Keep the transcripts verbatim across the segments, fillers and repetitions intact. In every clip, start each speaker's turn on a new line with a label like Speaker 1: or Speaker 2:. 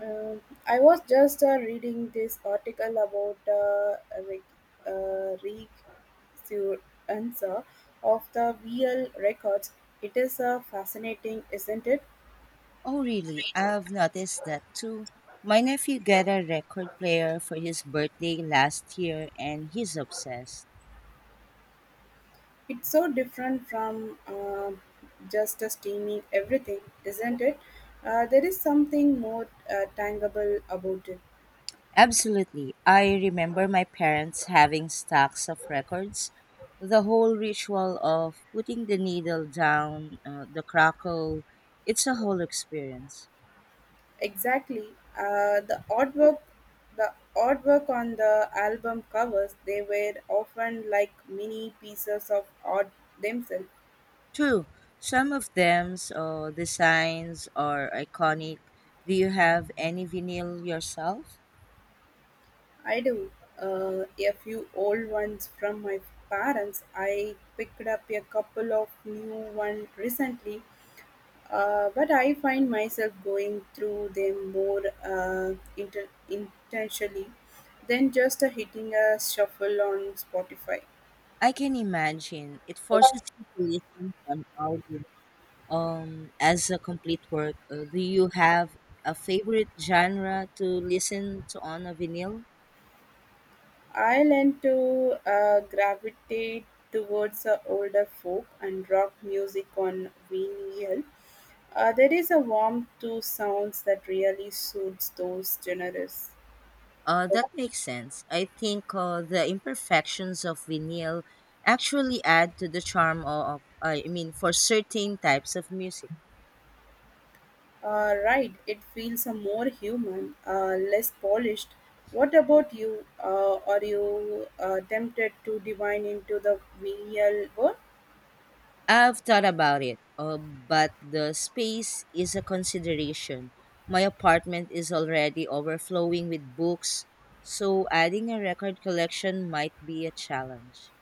Speaker 1: Um, I was just uh, reading this article about uh, re- uh, resurgence of the V L records. It is uh, fascinating, isn't it?
Speaker 2: Oh, really? I've noticed that too. My nephew got a record player for his birthday last year and he's obsessed.
Speaker 1: It's so different from um just uh, streaming everything, isn't it? Uh, there is something more uh, tangible about it.
Speaker 2: Absolutely. I remember my parents having stacks of records. The whole ritual of putting the needle down uh, the crackle, it's a whole experience.
Speaker 1: Exactly. Uh, the artwork, the artwork on the album covers, they were often like mini pieces of art themselves.
Speaker 2: True, some of them's uh, designs are iconic. Do you have any vinyl yourself?
Speaker 1: I do, uh, a few old ones from my parents. I picked up a couple of new ones recently, uh, but I find myself going through them more uh, inter- intentionally than just uh, hitting a shuffle on Spotify.
Speaker 2: I can imagine. It forces you to listen to an album um, as a complete work. Uh, do you have a favorite genre to listen to on a vinyl?
Speaker 1: I learned to uh, gravitate towards uh, older folk and rock music on vinyl. Uh, there is a warmth to sounds that really suits those genres.
Speaker 2: Uh, that makes sense. I think uh, the imperfections of vinyl actually add to the charm of, I mean, for certain types of music.
Speaker 1: Uh, right, it feels uh, more human, uh, less polished. What about you? Uh, are you uh, tempted to divine into the vinyl world?
Speaker 2: I've thought about it, uh, but the space is a consideration. My apartment is already overflowing with books, so adding a record collection might be a challenge.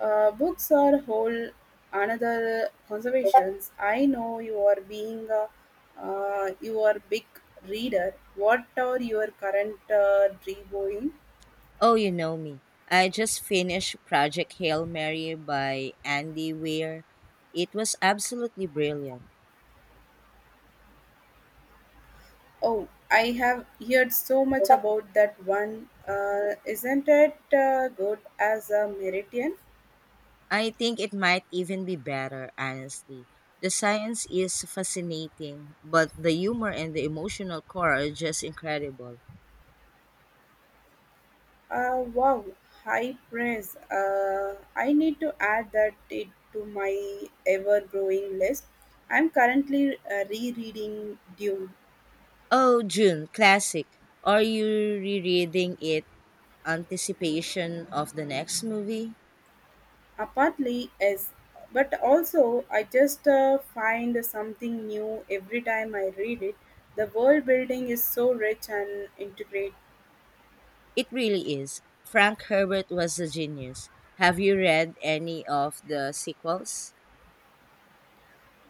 Speaker 1: Uh, books are whole another conservations. I know you are being a uh, you are big reader. What are your current uh, reading?
Speaker 2: Oh, you know me. I just finished Project Hail Mary by Andy Weir. It was absolutely brilliant.
Speaker 1: Oh, I have heard so much about that one. Uh, isn't it uh, good as a Meridian?
Speaker 2: I think it might even be better, honestly. The science is fascinating, but the humor and the emotional core are just incredible.
Speaker 1: Uh, wow, high praise. Uh, I need to add that it to my ever growing list. I'm currently uh, rereading Dune.
Speaker 2: Oh, June, classic. Are you rereading it anticipation of the next movie?
Speaker 1: Apparently, yes, but also I just uh, find something new every time I read it. The world building is so rich and integrated.
Speaker 2: It really is. Frank Herbert was a genius. Have you read any of the sequels?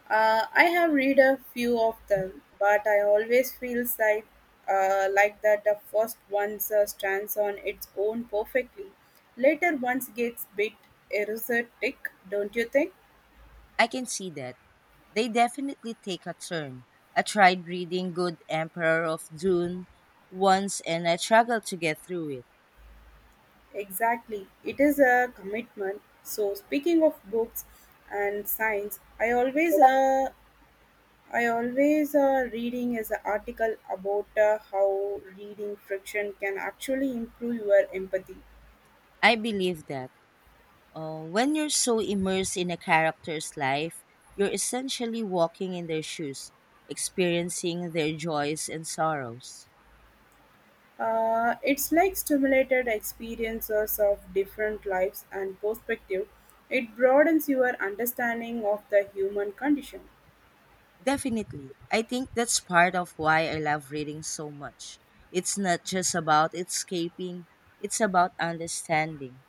Speaker 1: Uh, I have read a few of them, but I always feel like uh, like that the first one uh, stands on its own perfectly. Later ones gets bit erotic, don't you think?
Speaker 2: I can see that. They definitely take a turn. I tried reading Good Emperor of Dune once and I struggled to get through it.
Speaker 1: Exactly. It is a commitment. So speaking of books and science, I always uh, I always uh, reading is an article about uh, how reading friction can actually improve your empathy.
Speaker 2: I believe that. Uh, when you're so immersed in a character's life, you're essentially walking in their shoes, experiencing their joys and sorrows.
Speaker 1: Uh, it's like stimulated experiences of different lives and perspective. It broadens your understanding of the human condition.
Speaker 2: Definitely. I think that's part of why I love reading so much. It's not just about escaping, it's about understanding.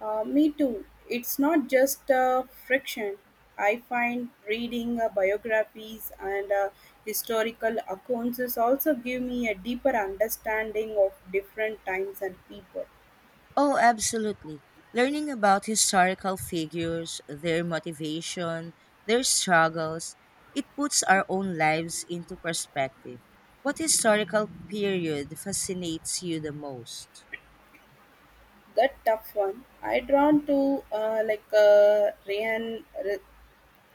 Speaker 1: Uh, me too. It's not just uh, friction. I find reading uh, biographies and uh, historical accounts is also give me a deeper understanding of different times and people.
Speaker 2: Oh, absolutely. Learning about historical figures, their motivation, their struggles, it puts our own lives into perspective. What historical period fascinates you the most?
Speaker 1: That tough one. I drawn to uh, like uh, Ryan Re-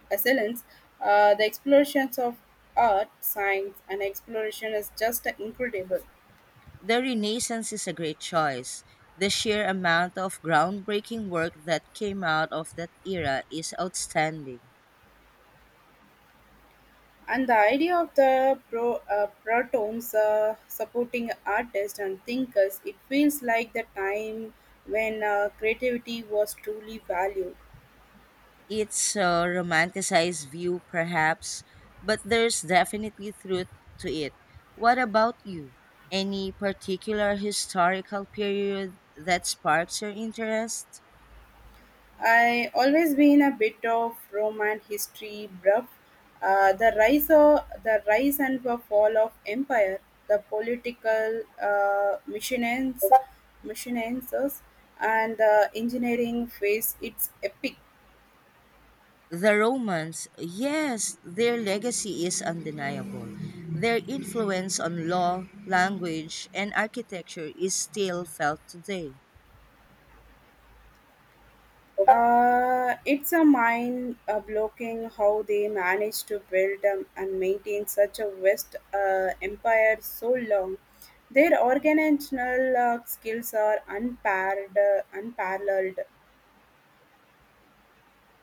Speaker 1: Resilience, uh, the explorations of art, science, and exploration is just incredible.
Speaker 2: The Renaissance is a great choice. The sheer amount of groundbreaking work that came out of that era is outstanding.
Speaker 1: And the idea of the pro, uh, protons uh, supporting artists and thinkers, it feels like the time when uh, creativity was truly valued.
Speaker 2: It's a romanticized view, perhaps, but there's definitely truth to it. What about you? Any particular historical period that sparks your interest?
Speaker 1: I always been a bit of Roman history buff. Uh, the rise of the rise and the fall of empire, the political uh, machinations, machinations, and the engineering phase. It's epic.
Speaker 2: The Romans, yes, their legacy is undeniable. Their influence on law, language, and architecture is still felt today.
Speaker 1: Uh, it's a mind uh, blocking how they managed to build um, and maintain such a vast uh, empire so long. Their organizational uh, skills are unpaired, uh, unparalleled.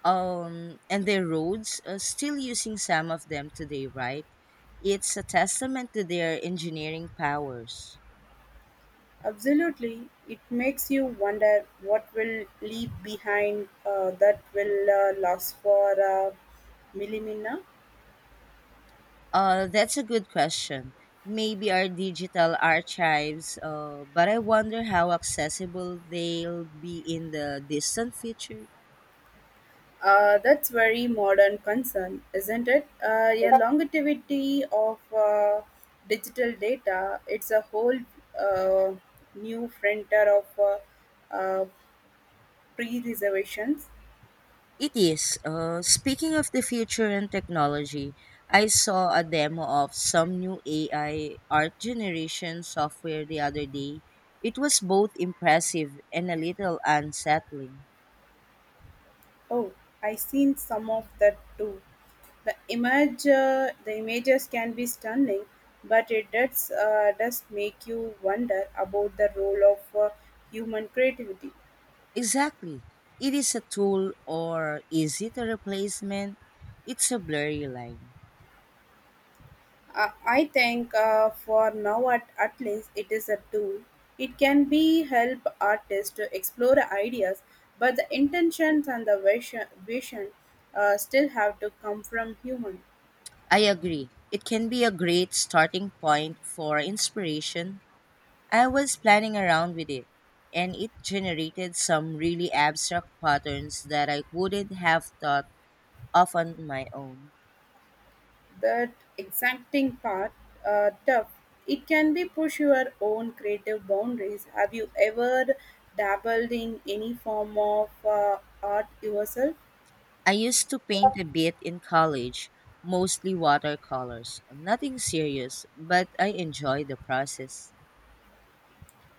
Speaker 2: um, And their roads, uh, still using some of them today, right? It's a testament to their engineering powers.
Speaker 1: Absolutely, it makes you wonder what will leave behind uh, that will uh, last for uh, millimina.
Speaker 2: Uh, that's a good question. Maybe our digital archives, uh, but I wonder how accessible they'll be in the distant future.
Speaker 1: Uh, that's very modern concern, isn't it? Uh, a longevity of uh, digital data, it's a whole uh, new frontier of uh, uh, pre-reservations.
Speaker 2: It is. Uh, speaking of the future and technology, I saw a demo of some new A I art generation software the other day. It was both impressive and a little unsettling.
Speaker 1: Oh, I seen some of that too. The image, uh, the images can be stunning, but it does uh, does make you wonder about the role of uh, human creativity.
Speaker 2: Exactly. It is a tool, or is it a replacement? It's a blurry line.
Speaker 1: Uh, I think uh, for now at, at least it is a tool. It can be help artists to explore ideas, but the intentions and the vision, vision uh, still have to come from human.
Speaker 2: I agree. It can be a great starting point for inspiration, I was playing around with it, and it generated some really abstract patterns that I wouldn't have thought of on my own.
Speaker 1: That exacting part uh, tough. It can be push your own creative boundaries. Have you ever dabbled in any form of uh, art yourself?
Speaker 2: I used to paint a bit in college, mostly watercolors. Nothing serious, but I enjoy the process.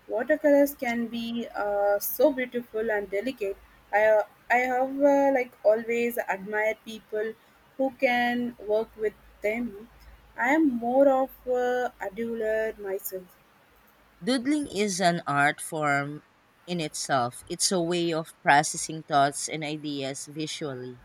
Speaker 1: Watercolors can be uh, so beautiful and delicate. I I have uh, like always admired people who can work with them. I am more of a doodler myself.
Speaker 2: Doodling is an art form in itself. It's a way of processing thoughts and ideas visually.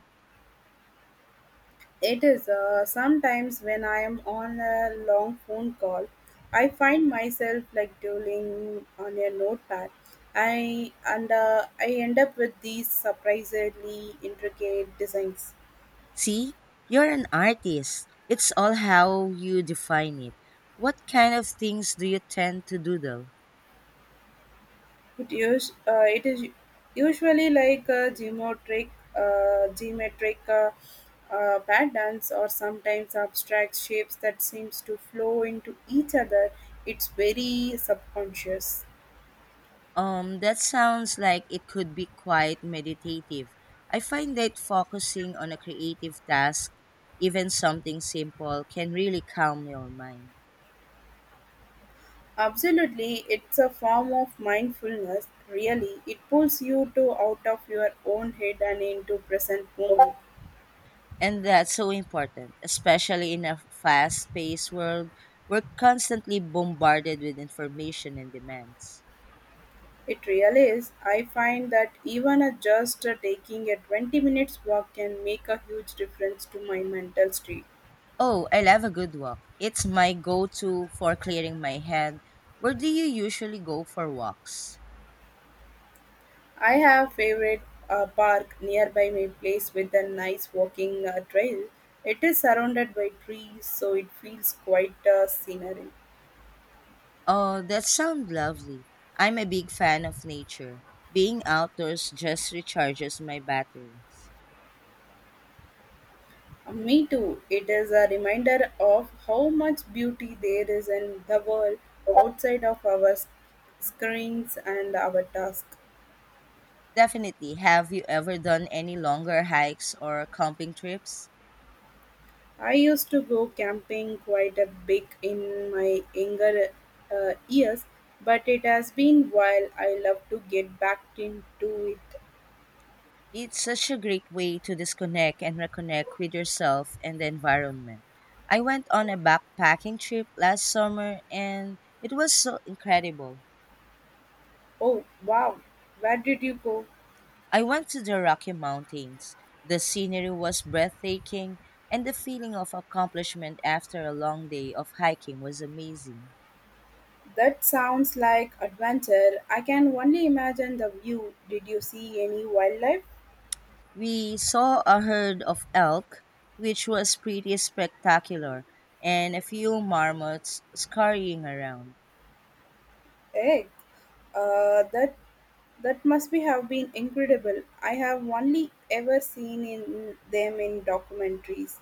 Speaker 1: It is uh, sometimes when I am on a long phone call, I find myself like doodling on a notepad. I and uh, I end up with these surprisingly intricate designs.
Speaker 2: See, you're an artist. It's all how you define it. What kind of things do you tend to doodle?
Speaker 1: It us uh, it is usually like a geometric, uh, geometric uh, uh, patterns or sometimes abstract shapes that seems to flow into each other. It's very subconscious.
Speaker 2: Um, that sounds like it could be quite meditative. I find that focusing on a creative task, even something simple, can really calm your mind.
Speaker 1: Absolutely, it's a form of mindfulness. Really, it pulls you to out of your own head and into present moment.
Speaker 2: And that's so important, especially in a fast paced world. We're constantly bombarded with information and demands.
Speaker 1: It really is. I find that even a just uh, taking a twenty minutes walk can make a huge difference to my mental state.
Speaker 2: Oh, I love a good walk. It's my go to for clearing my head. Where do you usually go for walks?
Speaker 1: I have favorite a park nearby my place with a nice walking uh, trail. It is surrounded by trees, so it feels quite uh, scenery.
Speaker 2: Oh, that sounds lovely. I'm a big fan of nature. Being outdoors just recharges my batteries.
Speaker 1: Uh, me too. It is a reminder of how much beauty there is in the world outside of our s- screens and our task.
Speaker 2: Definitely. Have you ever done any longer hikes or camping trips?
Speaker 1: I used to go camping quite a bit in my younger uh, years, but it has been while I love to get back into it.
Speaker 2: It's such a great way to disconnect and reconnect with yourself and the environment. I went on a backpacking trip last summer and it was so incredible.
Speaker 1: Oh, wow. Where did you go?
Speaker 2: I went to the Rocky Mountains. The scenery was breathtaking, and the feeling of accomplishment after a long day of hiking was amazing.
Speaker 1: That sounds like adventure. I can only imagine the view. Did you see any wildlife?
Speaker 2: We saw a herd of elk, which was pretty spectacular, and a few marmots scurrying around.
Speaker 1: Egg. Uh, that that must be have been incredible. I have only ever seen in them in documentaries.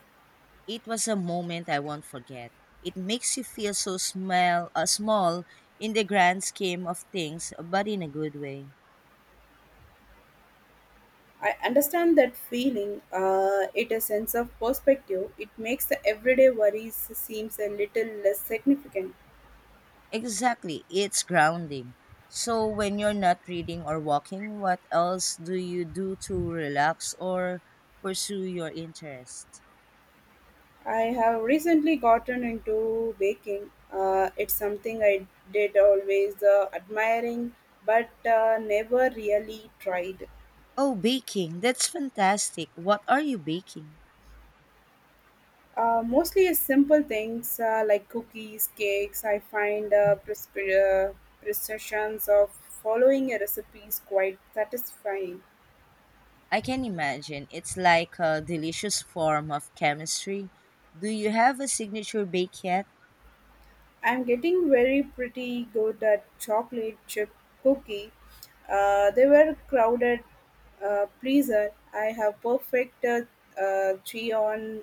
Speaker 2: It was a moment I won't forget. It makes you feel so small, uh, small in the grand scheme of things, but in a good way.
Speaker 1: I understand that feeling. Uh, it is a sense of perspective. It makes the everyday worries seems a little less significant.
Speaker 2: Exactly, it's grounding. So, when you're not reading or walking, what else do you do to relax or pursue your interest?
Speaker 1: I have recently gotten into baking. Uh, it's something I did always uh, admiring, but uh, never really tried.
Speaker 2: Oh, baking. That's fantastic. What are you baking?
Speaker 1: Uh, mostly it's simple things uh, like cookies, cakes. I find uh, pres- uh, precisions of following a recipe is quite satisfying.
Speaker 2: I can imagine. It's like a delicious form of chemistry. Do you have a signature bake yet?
Speaker 1: I'm getting very pretty good at chocolate chip cookie. Uh, they were crowded uh, pleaser. I have perfect uh, uh, three on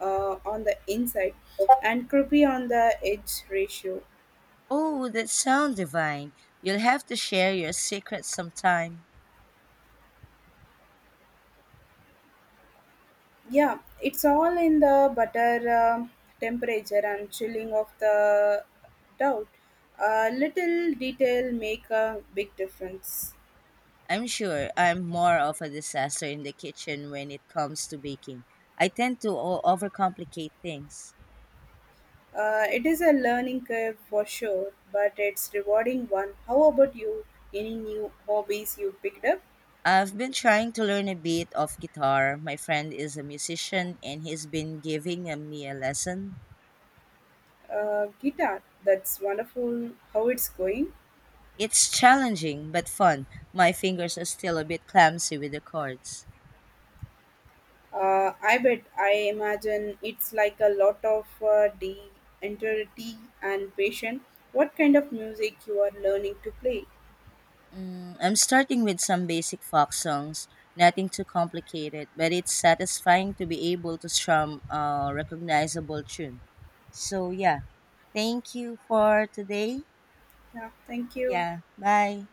Speaker 1: uh, on the inside and creepy on the edge ratio.
Speaker 2: Oh, that sounds divine. You'll have to share your secrets sometime.
Speaker 1: Yeah, it's all in the butter um temperature and chilling of the doubt. A little detail make a big difference.
Speaker 2: I'm sure I'm more of a disaster in the kitchen when it comes to baking. I tend to o- overcomplicate things.
Speaker 1: Uh, it is a learning curve for sure, but it's rewarding one. How about you? Any new hobbies you picked up?
Speaker 2: I've been trying to learn a bit of guitar. My friend is a musician and he's been giving uh, me a lesson.
Speaker 1: Uh, guitar. That's wonderful. How it's going?
Speaker 2: It's challenging but fun. My fingers are still a bit clumsy with the chords.
Speaker 1: Uh, I bet. I imagine it's like a lot of uh, de- integrity and patience. What kind of music you are learning to play?
Speaker 2: Mm, I'm starting with some basic folk songs, nothing too complicated, but it's satisfying to be able to strum a recognizable tune. So, yeah, thank you for today.
Speaker 1: Yeah, thank you.
Speaker 2: Yeah, bye.